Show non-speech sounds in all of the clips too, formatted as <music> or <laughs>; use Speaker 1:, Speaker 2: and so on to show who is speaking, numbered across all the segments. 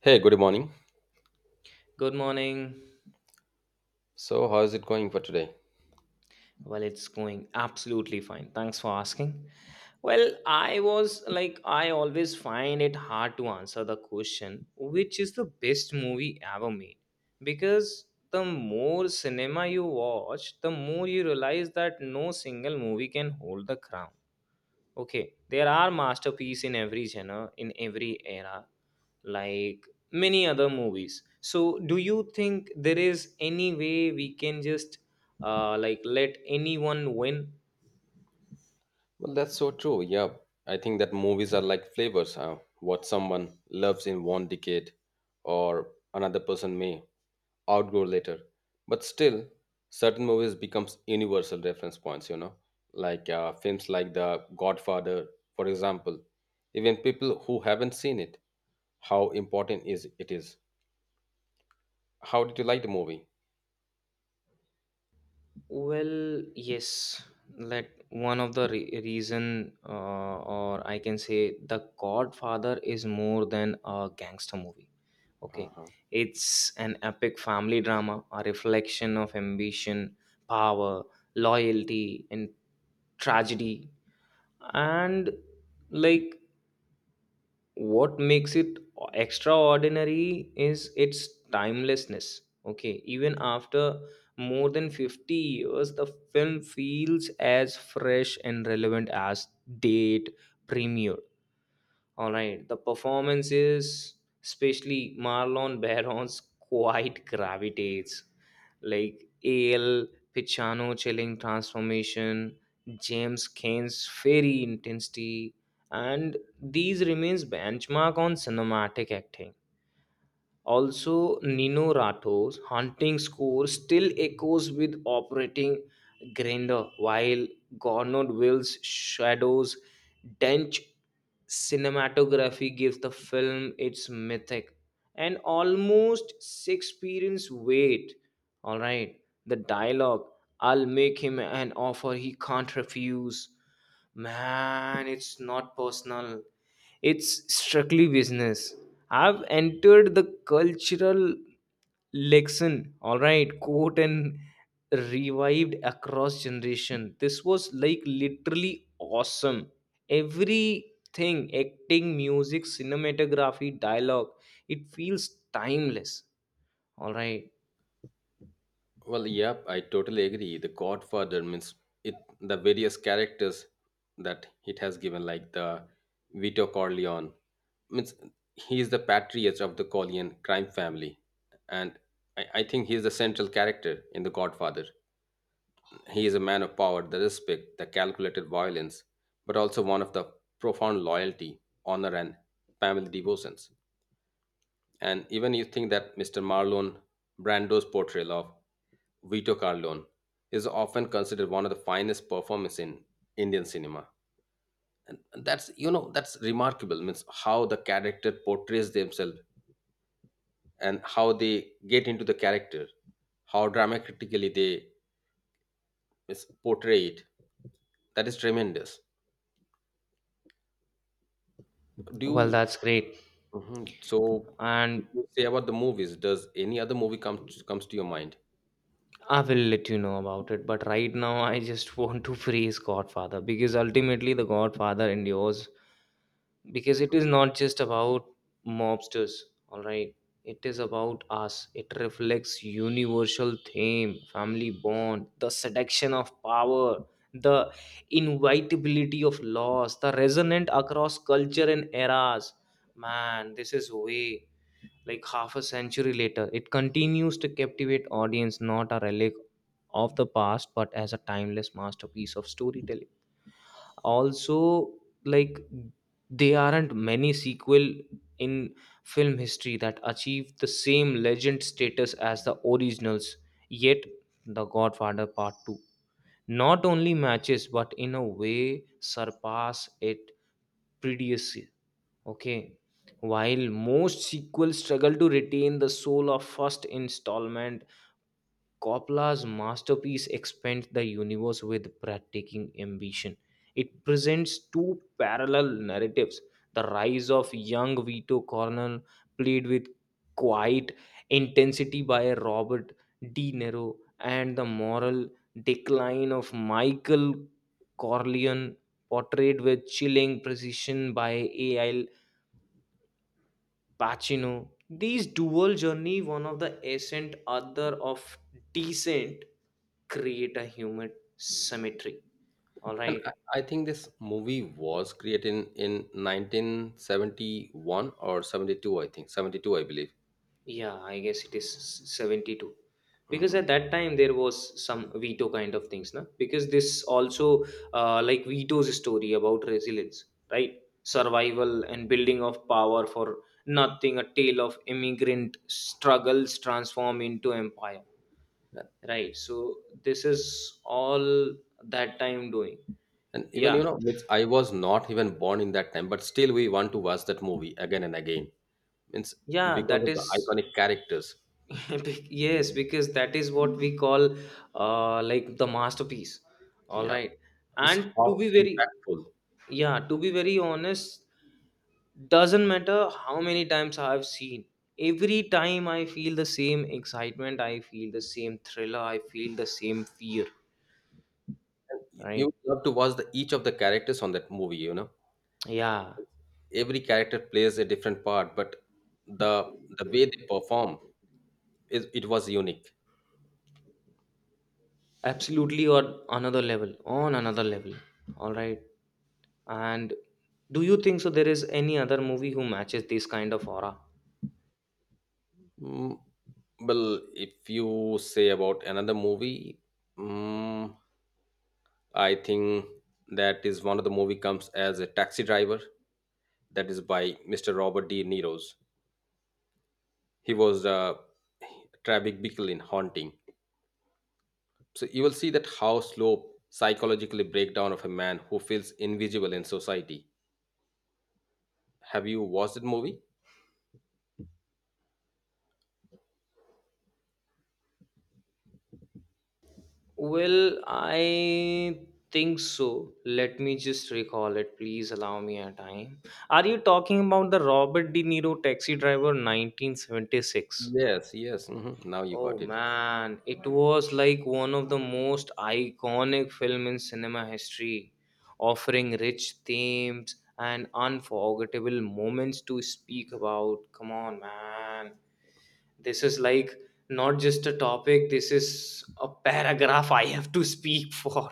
Speaker 1: Hey, good morning.
Speaker 2: Good morning.
Speaker 1: So, how is it going for today?
Speaker 2: It's going absolutely fine. Thanks for asking. I always find it hard to answer the question, which is the best movie ever made? Because the more cinema you watch, the more you realize that no single movie can hold the crown. Okay, there are masterpieces in every genre, in every era, like many other movies. So, do you think there is any way we can just like let anyone win?
Speaker 1: Well, that's so true. Yeah, I think that movies are like flavors. Huh? What someone loves in one decade or another person may outgrow later. But still, certain movies becomes universal reference points, you know, like films like The Godfather, for example. Even people who haven't seen it, how important is it is. How did you like the movie?
Speaker 2: Well, yes. Let one of the reason, or I can say, The Godfather is more than a gangster movie. Okay.
Speaker 1: Uh-huh.
Speaker 2: It's an epic family drama, a reflection of ambition, power, loyalty, and tragedy. And like what makes it extraordinary is its timelessness. Okay. Even after more than 50 years, the film feels as fresh and relevant as date premiere. All right, the performance is especially Marlon Barons quite gravitates like AL Pichano chilling transformation, James Kane's fairy intensity, and these remains benchmark on cinematic acting. Also, Nino Rato's haunting score still echoes with operating grandeur, while Gernot Will's Shadows' dense cinematography gives the film its mythic and almost Shakespearean's weight. All right, the dialogue I'll make him an offer he can't refuse. Man, it's not personal, it's strictly business. I've entered the cultural lexicon, all right, quote and revived across generation. This was like literally awesome. Everything, acting, music, cinematography, dialogue, it feels timeless. All right.
Speaker 1: Well, yep, I totally agree. The Godfather means it the various characters that it has given, like the Vito Corleone, means he is the patriarch of the Corleone crime family, and I think he is the central character in the Godfather. He is a man of power, the respect, the calculated violence, but also one of the profound loyalty, honor, and family devotions. And even you think that Mr. Marlon Brando's portrayal of Vito Corleone is often considered one of the finest performances in Indian cinema. That's, you know, that's remarkable. Means how the character portrays themselves and how they get into the character, how dramatically they is portray it. That is tremendous. Do
Speaker 2: Well,
Speaker 1: you?
Speaker 2: that's great.
Speaker 1: Mhm. So, if
Speaker 2: And
Speaker 1: you say about the movies, does any other movie comes to your mind?
Speaker 2: I will let you know about it. But right now, I just <laughs> want to praise Godfather because ultimately, the Godfather endures because it is not just about mobsters, all right, it is about us. It reflects universal theme, family bond, the seduction of power, the inevitability of loss, the resonant across culture and eras. Man, this is way, like half a century later it continues to captivate audience, not a relic of the past but as a timeless masterpiece of storytelling. Also, like there aren't many sequel in film history that achieve the same legend status as the originals. Yet the godfather part 2 not only matches but in a way surpass it previously. Okay, while most sequels struggle to retain the soul of first installment, Coppola's masterpiece expands the universe with breathtaking ambition. It presents two parallel narratives, the rise of young Vito Cornell, played with quiet intensity by Robert De Niro, and the moral decline of Michael Corleone, portrayed with chilling precision by A.L. Pacino. These dual journey, one of the ascent, other of descent, create a human cemetery. All
Speaker 1: And
Speaker 2: right.
Speaker 1: I think this movie was created in 1971 or 72, I think. 72, I believe.
Speaker 2: Yeah, I guess it is 72. Because
Speaker 1: Hmm.
Speaker 2: at that time there was some veto kind of things, na? Because this also like Vito's story about resilience, right? Survival and building of power for nothing, a tale of immigrant struggles transform into empire,
Speaker 1: And,
Speaker 2: right? So this is all that time doing.
Speaker 1: and even, you
Speaker 2: Yeah,
Speaker 1: know, it's, I was not even born in that time, but still we want to watch that movie again and again. It's
Speaker 2: yeah,
Speaker 1: because
Speaker 2: that
Speaker 1: of the
Speaker 2: is
Speaker 1: iconic characters.
Speaker 2: <laughs> Yes, because that is what we call like the masterpiece, all
Speaker 1: Yeah.
Speaker 2: right.
Speaker 1: It's
Speaker 2: And to
Speaker 1: how
Speaker 2: be very,
Speaker 1: impactful.
Speaker 2: yeah, to be very honest, doesn't matter how many times I've seen, every time I feel the same excitement, I feel the same thriller, I feel the same fear,
Speaker 1: You
Speaker 2: right?
Speaker 1: love to watch the, each of the characters on that movie, you know.
Speaker 2: Yeah,
Speaker 1: Every character plays a different part, but the the way they perform, is it was unique.
Speaker 2: absolutely, on another level. All right. And do you think so there is any other movie who matches this kind of aura?
Speaker 1: Mm, well, if you say about another movie, mm, I think that is one of the movie comes as a taxi driver. That is by Mr. Robert De Niro's. He was a traffic beacon in haunting. So you will see that how slow psychologically breakdown of a man who feels invisible in society. Have you watched that movie?
Speaker 2: Well, I think so. Let me just recall it. Please allow me a time. Are you talking about the Robert De Niro taxi driver 1976?
Speaker 1: Yes, yes. Hmm. Now you
Speaker 2: Oh
Speaker 1: got it.
Speaker 2: man, it was like one of the most iconic film in cinema history, offering rich themes and unforgettable moments to speak about. Come on, man. This is like not just a topic, this is a paragraph I have to speak <laughs> for.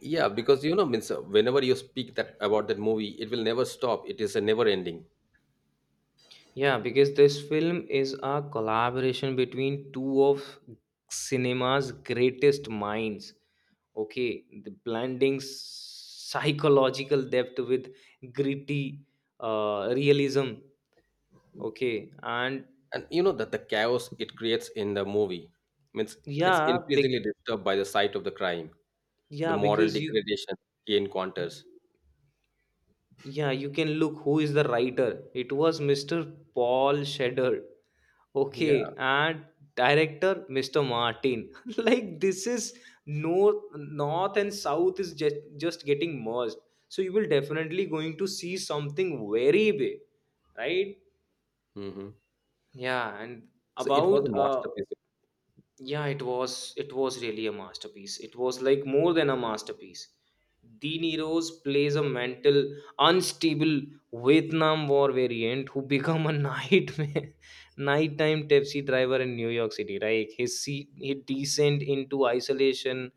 Speaker 1: Yeah, because you know, means whenever you speak that about that movie, it will never stop. It is a never ending.
Speaker 2: Yeah, because this film is a collaboration between two of cinema's greatest minds. Okay, the blending psychological depth with gritty realism. Okay, and
Speaker 1: And you know that the chaos it creates in the movie means it's
Speaker 2: yeah,
Speaker 1: increasingly
Speaker 2: big,
Speaker 1: disturbed by the sight of the crime, the
Speaker 2: yeah,
Speaker 1: moral
Speaker 2: because you,
Speaker 1: degradation he encounters.
Speaker 2: yeah, you can look who is the writer. It was Mr. Paul Shedder. Okay,
Speaker 1: Yeah.
Speaker 2: and director Mr. Martin. <laughs> Like this is north and south is just getting merged. So you will definitely going to see something very big, right?
Speaker 1: Hmm.
Speaker 2: Yeah, and
Speaker 1: So it was a
Speaker 2: about
Speaker 1: masterpiece.
Speaker 2: yeah, it was really a masterpiece, it was like more than a masterpiece. De Niro's plays a mental unstable Vietnam war variant who become a <laughs> nightmare nighttime taxi driver in New York city, right? His descent into isolation,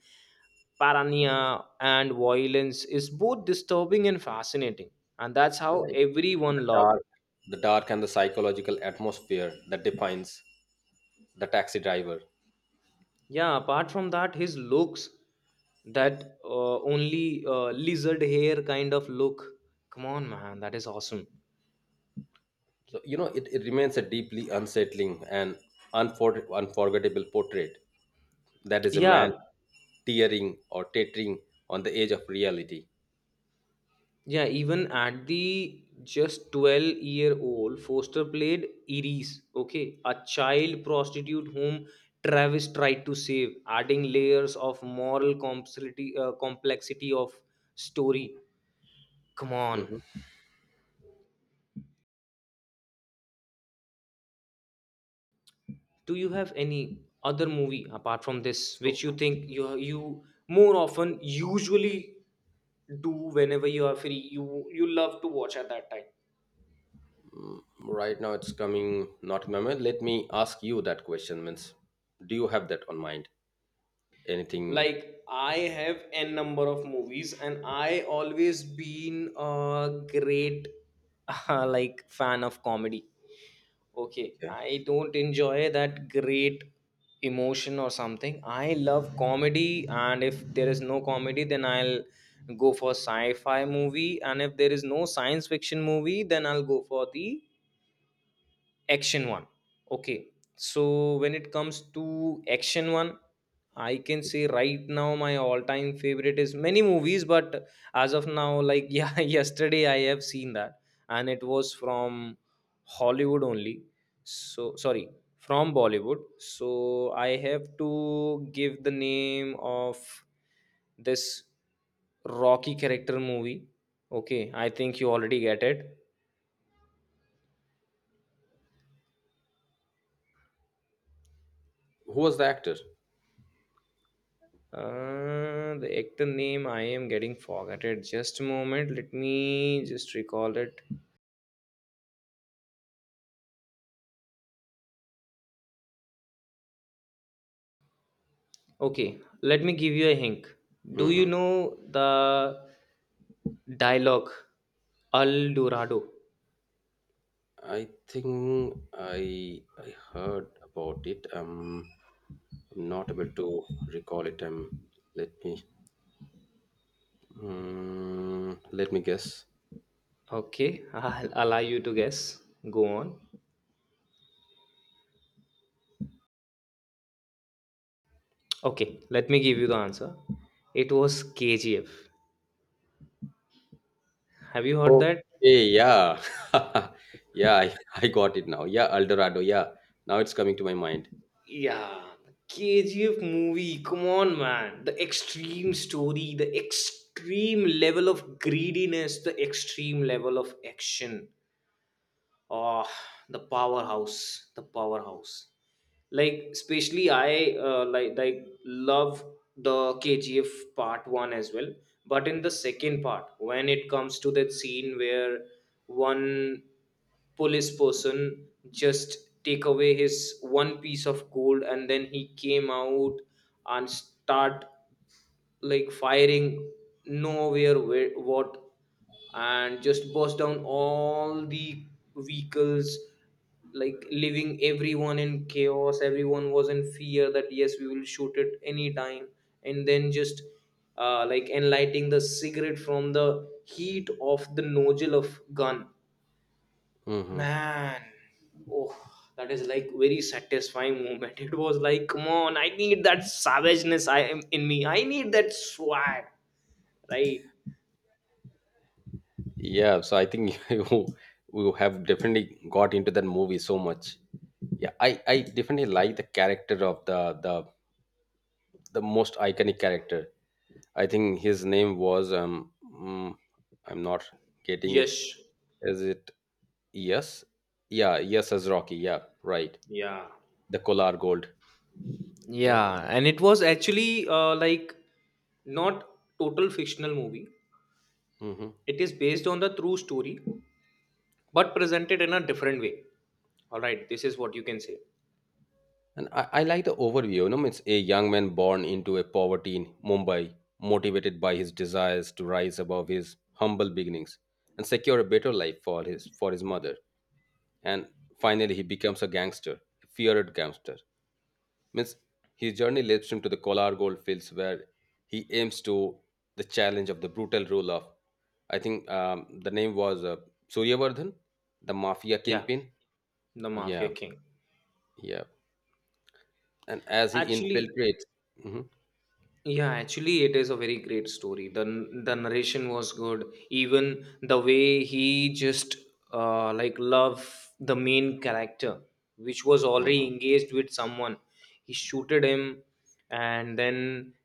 Speaker 2: paranoia and violence is both disturbing and fascinating, and that's how
Speaker 1: Right. The
Speaker 2: everyone loved
Speaker 1: dark,
Speaker 2: it.
Speaker 1: the dark and the psychological atmosphere that defines the taxi driver.
Speaker 2: Yeah, apart from that, his looks, that only lizard hair kind of look. Come on, man, that is awesome.
Speaker 1: So you know it, it remains a deeply unsettling and unforgettable portrait that is a man
Speaker 2: Yeah,
Speaker 1: tearing or teetering on the edge of reality.
Speaker 2: yeah, even at the just 12-year-old, Foster played Iris, okay, a child prostitute whom Travis tried to save, adding layers of moral complexity, complexity of story. Come on.
Speaker 1: Mhm.
Speaker 2: Do you have any other movie apart from this
Speaker 1: So
Speaker 2: which you think you more often usually do whenever you are free you love to watch at that time?
Speaker 1: mm, right now, it's coming not in my mind. Let me ask you that question. Means, do you have that on mind? Anything?
Speaker 2: Like I have n number of movies and I always been a great <laughs> like fan of comedy. Okay,
Speaker 1: Okay.
Speaker 2: I don't enjoy that great emotion or something. I love comedy, and if there is no comedy, then I'll go for sci fi movie, and if there is no science fiction movie, then I'll go for the action one. Okay, so when it comes to action one, I can say right now my all time favorite is many movies, but as of now, like <laughs> yeah, yesterday I have seen that, and it was from hollywood only, so sorry, from bollywood. So I have to give the name of this rocky character movie. Okay, I think you already get it.
Speaker 1: Who was the actor?
Speaker 2: The actor name I am getting forgotten. Just a moment. Let me just recall it. Okay, let me give you a hint. Do you
Speaker 1: Hmm.
Speaker 2: know the dialogue El Dorado?
Speaker 1: I think I heard about it. I'm not able to recall it. Let me mm, let me guess.
Speaker 2: Okay, <laughs> I'll allow you to guess. Go on. Okay, let me give you the answer. It was KGF. Have you heard that?
Speaker 1: Okay, yeah, <laughs> yeah, I got it now. Yeah, Eldorado. Yeah, now it's coming to my mind.
Speaker 2: Yeah, KGF movie. Come on, man. The extreme story, the extreme level of greediness, the extreme level of action. Oh, the powerhouse. The powerhouse, like especially I like love the KGF part 1 as well. But in the second part, when it comes to that scene where one police person just take away his one piece of gold, and then he came out and start like firing nowhere, where what, and just bust down all the vehicles, like leaving everyone in chaos, everyone was in fear that yes we will shoot it anytime, and then just like enlighting the cigarette from the heat of the nozzle of gun.
Speaker 1: Hmm.
Speaker 2: Man, oh, that is like very satisfying moment. <laughs> It was like come on, I need that savageness, I am in me, I need that swag, right?
Speaker 1: Yeah, so I think <laughs> you have definitely got into that movie so much. Yeah, I definitely like the character of the most iconic character. I think his name was mm, I'm not getting it.
Speaker 2: Yes.
Speaker 1: Is it yes? Yeah, yes as Rocky. Yeah, right.
Speaker 2: yeah
Speaker 1: The Kolar Gold. Yep.
Speaker 2: yeah and it was actually like not total fictional movie.
Speaker 1: Hmm.
Speaker 2: It is based on the true story, but presented in a different way. All right, this is what you can say.
Speaker 1: And I like the overview. You know, it's a young man born into a poverty in Mumbai, motivated by his desires to rise above his humble beginnings and secure a better life for his mother. And finally, he becomes a gangster, a feared gangster. Means his journey leads him to the Kolar gold fields, where he aims to the challenge of the brutal rule of, I think the name was Suryavardhan, the mafia
Speaker 2: Yeah,
Speaker 1: kingpin.
Speaker 2: the Mafia
Speaker 1: Yeah,
Speaker 2: King.
Speaker 1: yeah. And as he
Speaker 2: Actually,
Speaker 1: infiltrates. Mhm,
Speaker 2: yeah, actually, it is a very great story. The the narration was good. Even the way he just like love the main character, which was already
Speaker 1: mhm.
Speaker 2: engaged with someone. He shooted him, and then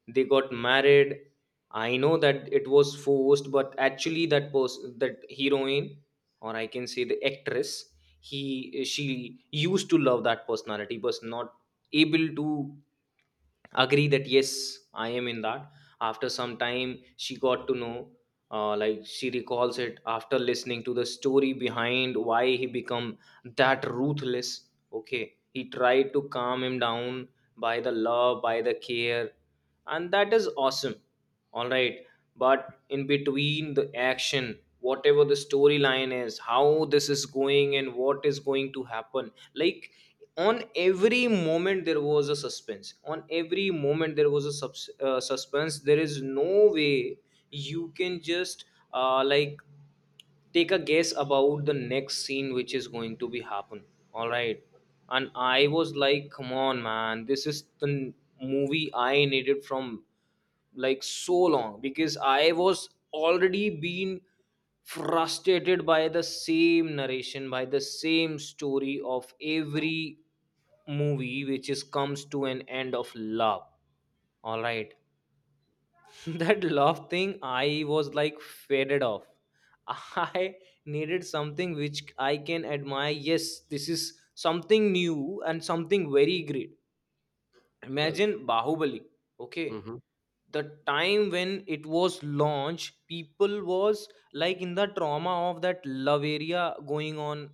Speaker 2: they got married. I know that it was forced, but actually, that person, that heroine, or I can say the actress, he she used to love that personality, was not able to agree that yes I am in that. After some time she got to know, like she recalls it after listening to the story behind why he become that ruthless. Okay, he tried to calm him down by the love, by the care, and that is awesome, all right. But in between the action, whatever the storyline is, how this is going and what is going to happen, like on every moment there was a suspense, on every moment there was a suspense. There is no way you can just like take a guess about the next scene which is going to be happen, all right. And I was like come on man, this is the movie I needed from like so long, because I was already being frustrated by the same narration, by the same story of every movie which is comes to an end of love, all right. <laughs> That love thing I was like faded off. <laughs> I needed something which I can admire, yes this is something new and something very great.
Speaker 1: Well,
Speaker 2: Imagine Bahubali. Okay.
Speaker 1: mhm,
Speaker 2: The time when it was launched, people was like in the trauma of that love area going on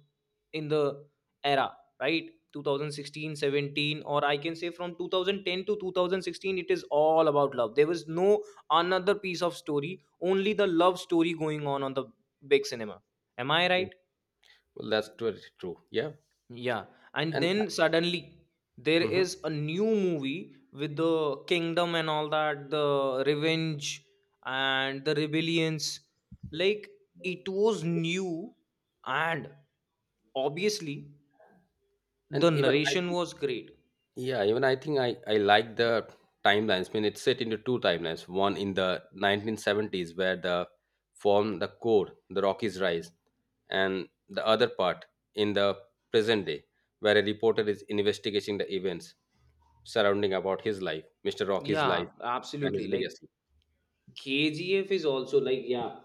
Speaker 2: in the era, right? 2016, 17, or I can say from 2010 to 2016, it is all about love. There was no another piece of story, only the love story going on the big cinema. Am I
Speaker 1: mm.
Speaker 2: right?
Speaker 1: Well, that's very true. Yeah,
Speaker 2: Yeah, and
Speaker 1: and
Speaker 2: then suddenly there
Speaker 1: mhm.
Speaker 2: is a new movie with the kingdom and all that, the revenge and the rebellions. Like it was new, and obviously
Speaker 1: And
Speaker 2: the
Speaker 1: even I
Speaker 2: narration
Speaker 1: think,
Speaker 2: was great.
Speaker 1: yeah, even I think I like the timelines. I mean, it's set into two timelines. One in the 1970s where the form the core, the Rockies rise, and the other part in the present day where a reporter is investigating the events surrounding about his life, Mr. Rocky's
Speaker 2: Yeah,
Speaker 1: life and his
Speaker 2: absolutely. Like
Speaker 1: legacy.
Speaker 2: KGF is also like, yeah,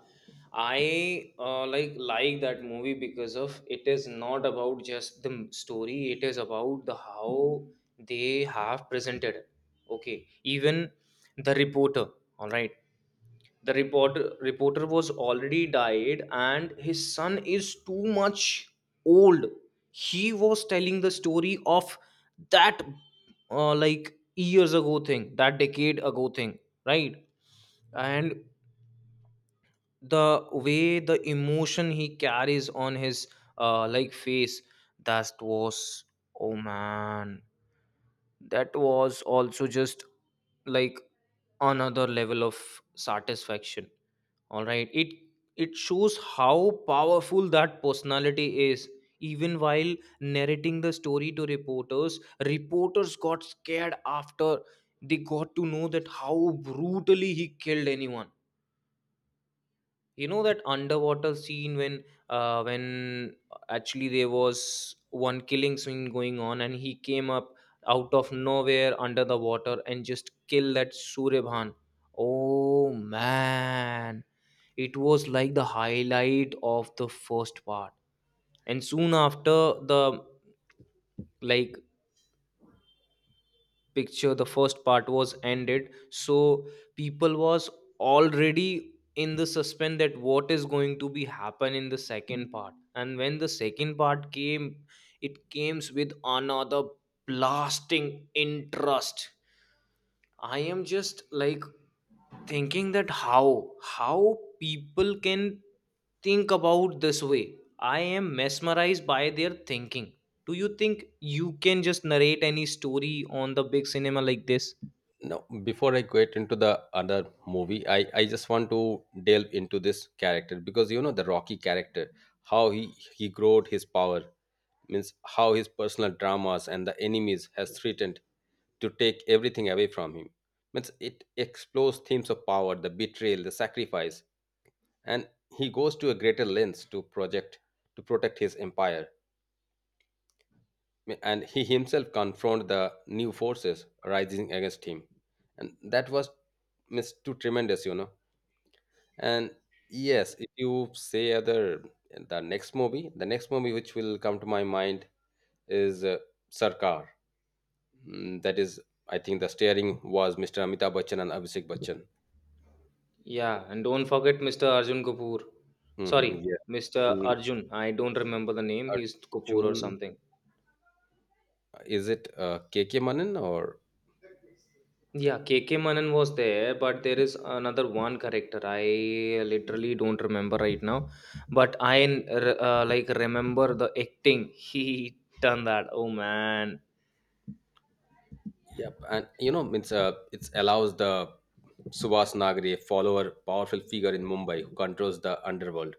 Speaker 2: I like that movie because of it is not about just the story, it is about the how they have presented it. Okay, even the reporter, all right, the reporter was already died and his son is too much old. He was telling the story of that, like, years ago thing, that decade ago thing, right? And the way the emotion he carries on his, like, face, that was, oh man, that was also just like another level of satisfaction. All right, it shows how powerful that personality is. Even while narrating the story to reporters, reporters got scared after they got to know that how brutally he killed anyone. You know that underwater scene when, when actually there was one killing scene going on and he came up out of nowhere under the water and just kill that Suryaban. Oh man, it was like the highlight of the first part. And soon after the, like, picture, the first part was ended, so people was already in the suspense that what is going to be happen in the second part, and when the second part came, it came with another blasting interest. I am just like thinking that how people can think about this way. I am mesmerized by their thinking. Do you think you can just narrate any story on the big cinema like this?
Speaker 1: Now, before I get into the other movie, I just want to delve into this character because you know the Rocky character, how he growed his power, means how his personal dramas and the enemies has threatened to take everything away from him. Means it explores themes of power, the betrayal, the sacrifice, and he goes to a greater length to project to protect his empire and he himself confronted the new forces rising against him and that was miss too tremendous, you know. And yes, if you say other, the next movie, the next movie which will come to my mind is sarkar. Mm, that is I think the steering was Mr. Amitabh Bachchan and Abhishek Bachchan.
Speaker 2: Yeah, and don't forget Mr. Arjun Kapoor.
Speaker 1: Hmm.
Speaker 2: Sorry,
Speaker 1: Yeah.
Speaker 2: Mr.
Speaker 1: Mm,
Speaker 2: Arjun. I don't remember the name. He's Kapoor
Speaker 1: arjun,
Speaker 2: or something.
Speaker 1: is it kk manan or
Speaker 2: Yeah, K K Manan was there, but there is another one character I literally don't remember right now. But I, like, remember the acting <laughs> he done that. Oh man.
Speaker 1: Yep, and you know, it's it allows the Subhas Nagri, a follower, powerful figure in Mumbai, who controls the underworld.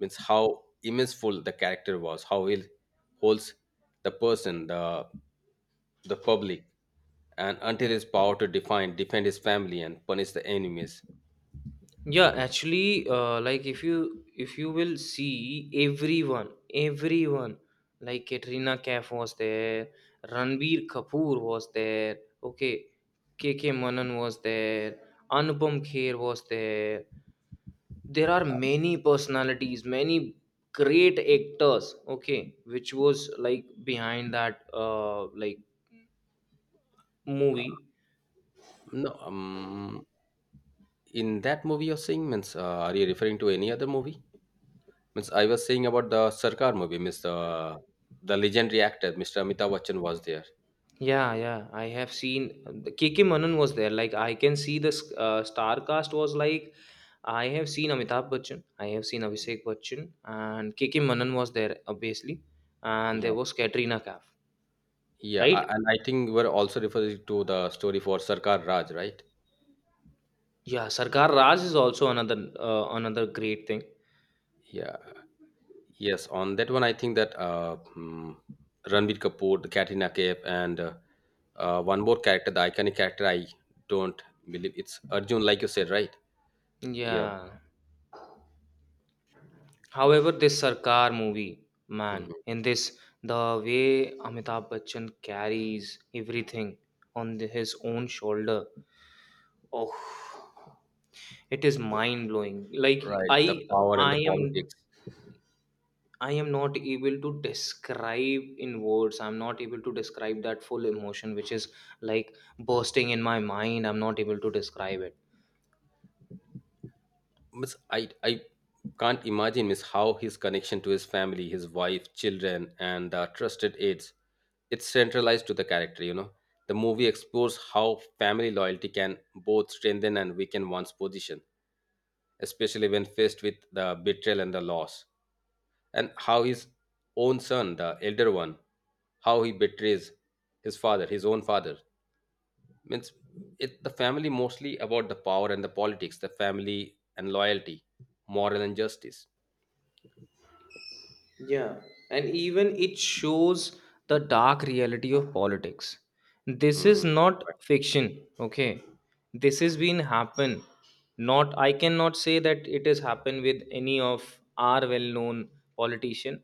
Speaker 1: Means how immenseful the character was, how he holds the person, the public, and until his power to define, defend his family, and punish the enemies.
Speaker 2: Yeah, actually, like, if you will see everyone, everyone like Katrina Kaif was there, Ranbir Kapoor was there. Okay, K K Manan was there, Anupam Kher was there. There are many personalities, many great actors, okay, which was like behind that, uh, like, movie.
Speaker 1: No, in that movie you're saying, means are you referring to any other movie? Means I was saying about the Sarkar movie, means the legendary actor, Mr. Amitabh Bachchan was there.
Speaker 2: Yeah, yeah, I have seen the K K Manan was there. Like, I can see the, star cast was like, I have seen Amitabh Bachchan, I have seen Abhishek Bachchan, and K K Manan was there obviously, and there
Speaker 1: Yeah,
Speaker 2: was Katrina Kaif.
Speaker 1: yeah,
Speaker 2: Right.
Speaker 1: and I think we're also referring to the story for Sarkar Raj, right?
Speaker 2: Yeah, Sarkar Raj is also another, another great thing.
Speaker 1: Yeah, yes. On that one, I think that mm, Ranbir Kapoor, the Katrina Kaif, and one more character, the iconic character, I don't believe it's Arjun, like you said, right? Yeah,
Speaker 2: Yeah. However, this Sarkar movie, man,
Speaker 1: mhm.
Speaker 2: in this, the way Amitabh Bachchan carries everything on his own shoulder, oh, it is mind blowing. Like
Speaker 1: Right. The
Speaker 2: I,
Speaker 1: power and the
Speaker 2: I am,
Speaker 1: politics.
Speaker 2: I am not able to describe in words. I'm not able to describe that full emotion, which is like bursting in my mind. I'm not able to describe it.
Speaker 1: Miss, I can't imagine miss, how his connection to his family, his wife, children, and trusted aides, it's centralized to the character, you know. The movie explores how family loyalty can both strengthen and weaken one's position, especially when faced with the betrayal and the loss. And how his own son, the elder one, how he betrays his father, his own father, means it the family mostly about the power and the politics the family and loyalty moral and justice.
Speaker 2: Yeah, and even it shows the dark reality of politics. This is
Speaker 1: Hmm.
Speaker 2: not fiction, okay? This has been happen. Not I cannot say that it has happened with any of our well-known politician.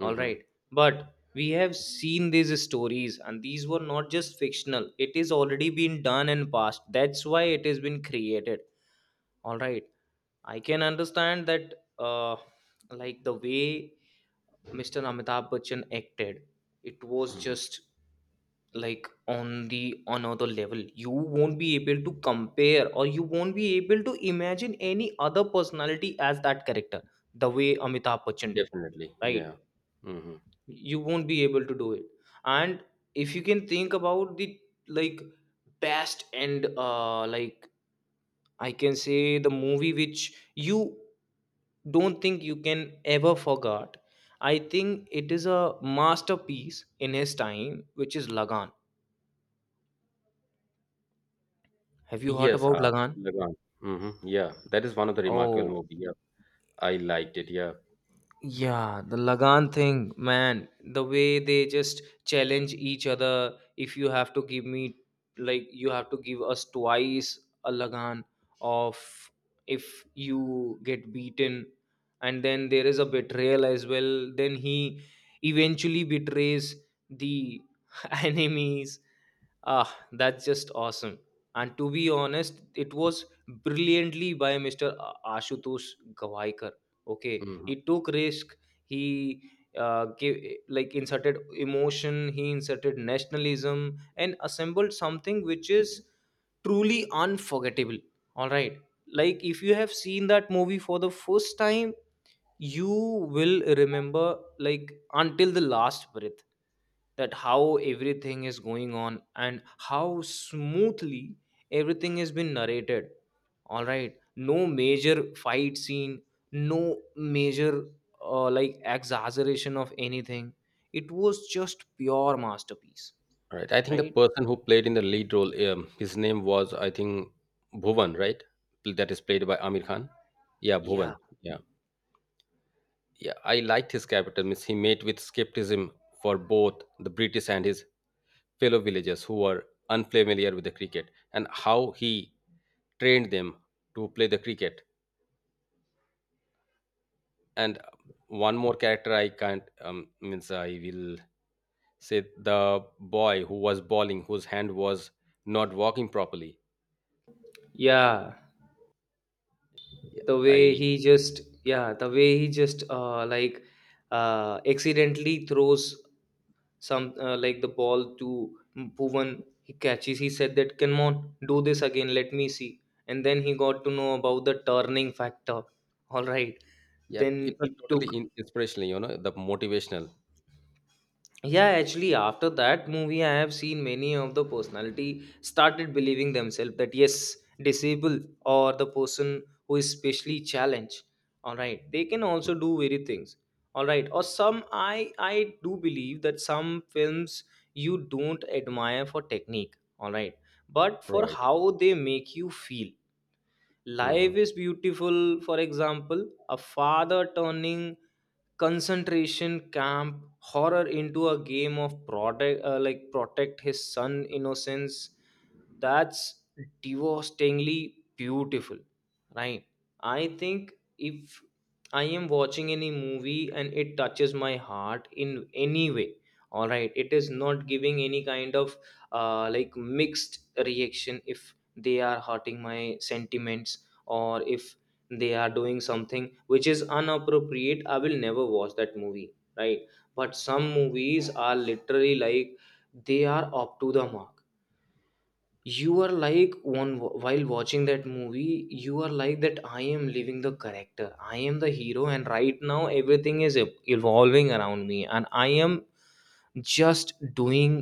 Speaker 2: All right, but we have seen these stories, and these were not just fictional. It is already been done and past. That's why it has been created. All right, I can understand that. Like the way Mr. Amitabh Bachchan acted, it was
Speaker 1: Hmm.
Speaker 2: just like on the another level. You won't be able to compare or you won't be able to imagine any other personality as that character the way Amitabh Bachchan did,
Speaker 1: Definitely. Yeah.
Speaker 2: right?
Speaker 1: Hmm.
Speaker 2: You won't be able to do it. And if you can think about the, like, best and, uh, like, I can say the movie which you don't think you can ever forget. I think it is a masterpiece in his time, which is Lagan. Have you heard
Speaker 1: Yes,
Speaker 2: about Lagan?
Speaker 1: Lagan. Hmm. Yeah, that is one of the remarkable
Speaker 2: Oh,
Speaker 1: movie. Yeah, I liked it. Yeah.
Speaker 2: yeah, the Lagan thing, man, the way they just challenge each other. If you have to give me, like, you have to give us twice a Lagan of, if you get beaten, and then there is a betrayal as well. Then he eventually betrays the <laughs> enemies. Ah, that's just awesome. And to be honest, it was brilliantly by Ashutosh Gavaikar, okay.
Speaker 1: Hmm.
Speaker 2: He took risk. He, gave, like, inserted emotion, he inserted nationalism, and assembled something which is truly unforgettable. All right, like if you have seen that movie for the first time, you will remember, like, until the last breath, that how everything is going on and how smoothly everything has been narrated. All right, no major fight scene, no major, like, exaggeration of anything. It was just pure masterpiece.
Speaker 1: Right, I think the
Speaker 2: Right.
Speaker 1: person who played in the lead role, his name was I think bhuvan, right? That is played by Amir Khan. Yeah,
Speaker 2: Yeah.
Speaker 1: bhuvan. Yeah. Yeah, I liked his capitalism. He met with skepticism for both the British and his fellow villagers who were unfamiliar with the cricket, and how he trained them to play the cricket. And one more character I can't means I will say the boy who was bowling, whose hand was not working properly.
Speaker 2: Yeah, the way
Speaker 1: I
Speaker 2: he just, yeah, the way he just, accidentally throws some, like, the ball to Bhuvan. He catches. He said that, "Come on, do this again. Let me see." And then he got to know about the turning factor. All right.
Speaker 1: yeah, it
Speaker 2: Then
Speaker 1: was
Speaker 2: it took.
Speaker 1: totally in, inspirational. You know, the motivational.
Speaker 2: Yeah, actually, after that movie, I have seen many of the personality started believing themselves that yes, disabled or the person who is specially challenged, all right, they can
Speaker 1: Mhm.
Speaker 2: also do very things, all right. Or some, I do believe that some films you don't admire for technique, all right, but for
Speaker 1: Right.
Speaker 2: how they make you feel. Life
Speaker 1: Hmm.
Speaker 2: is beautiful, for example, a father turning concentration camp horror into a game of protect his son innocence. That's devastatingly beautiful, right? I think if I am watching any movie and it touches my heart in any way, all right, it is not giving any kind of, like, mixed reaction. If they are hurting my sentiments, or if they are doing something which is inappropriate, I will never watch that movie, right? But some movies are literally like they are up to the mark. You are like, one, while watching that movie, you are like that I am living the character, I am the hero, and right now everything is evolving around me, and I am just doing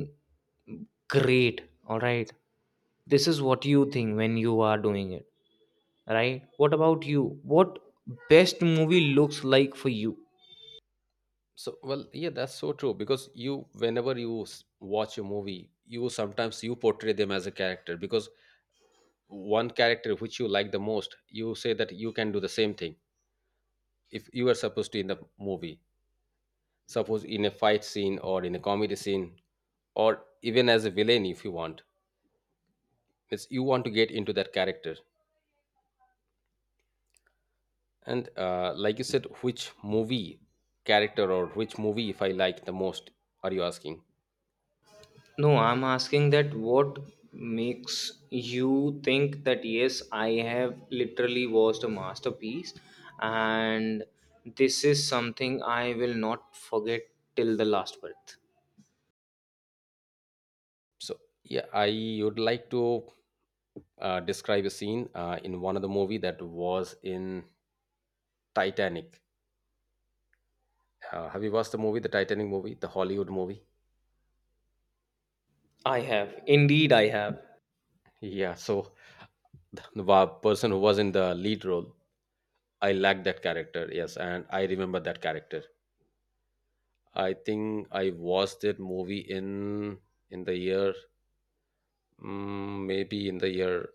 Speaker 2: great. All right, this is what you think when you are doing it, right? What about you? What best movie looks like for you?
Speaker 1: So, well, yeah, that's so true because you, whenever you watch a movie, you sometimes you portray them as a character because one character which you like the most, you say that you can do the same thing if you are supposed to in the movie, suppose in a fight scene or in a comedy scene, or even as a villain if you want. It's you want to get into that character, and like you said, which movie character or which movie if I like the most? Are you asking?
Speaker 2: No, I'm asking that what makes you think that yes, I have literally watched a masterpiece, and this is something I will not forget till the last breath.
Speaker 1: So yeah, I would like to describe a scene in one of the movie that was in Titanic. Have you watched the movie, the Titanic movie, the Hollywood movie?
Speaker 2: I have, indeed, I have.
Speaker 1: Yeah, so the person who was in the lead role, I liked that character, yes, and I remember that character. I think I watched that movie in the year mm, maybe in the year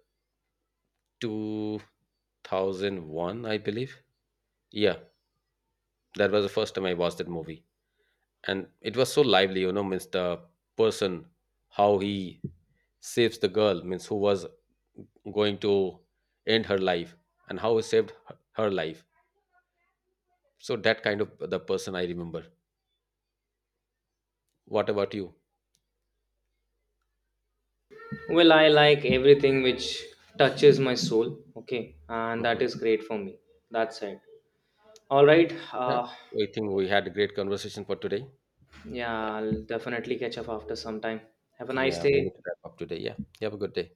Speaker 1: 2001, I believe. Yeah, that was the first time I watched that movie. And it was so lively, you know, means the person how he saves the girl means who was going to end her life and how he saved her her life. So that kind of the person I remember. What about you?
Speaker 2: Well, I like everything which touches my soul, okay, and that
Speaker 1: Hmm.
Speaker 2: is great for me. That's it. All right.
Speaker 1: Yeah, I think we had a great conversation for today. Yeah.
Speaker 2: Yeah, I'll definitely catch up after some time. Have a nice
Speaker 1: Yeah, we
Speaker 2: day.
Speaker 1: need to wrap up today. Yeah, you have a good day.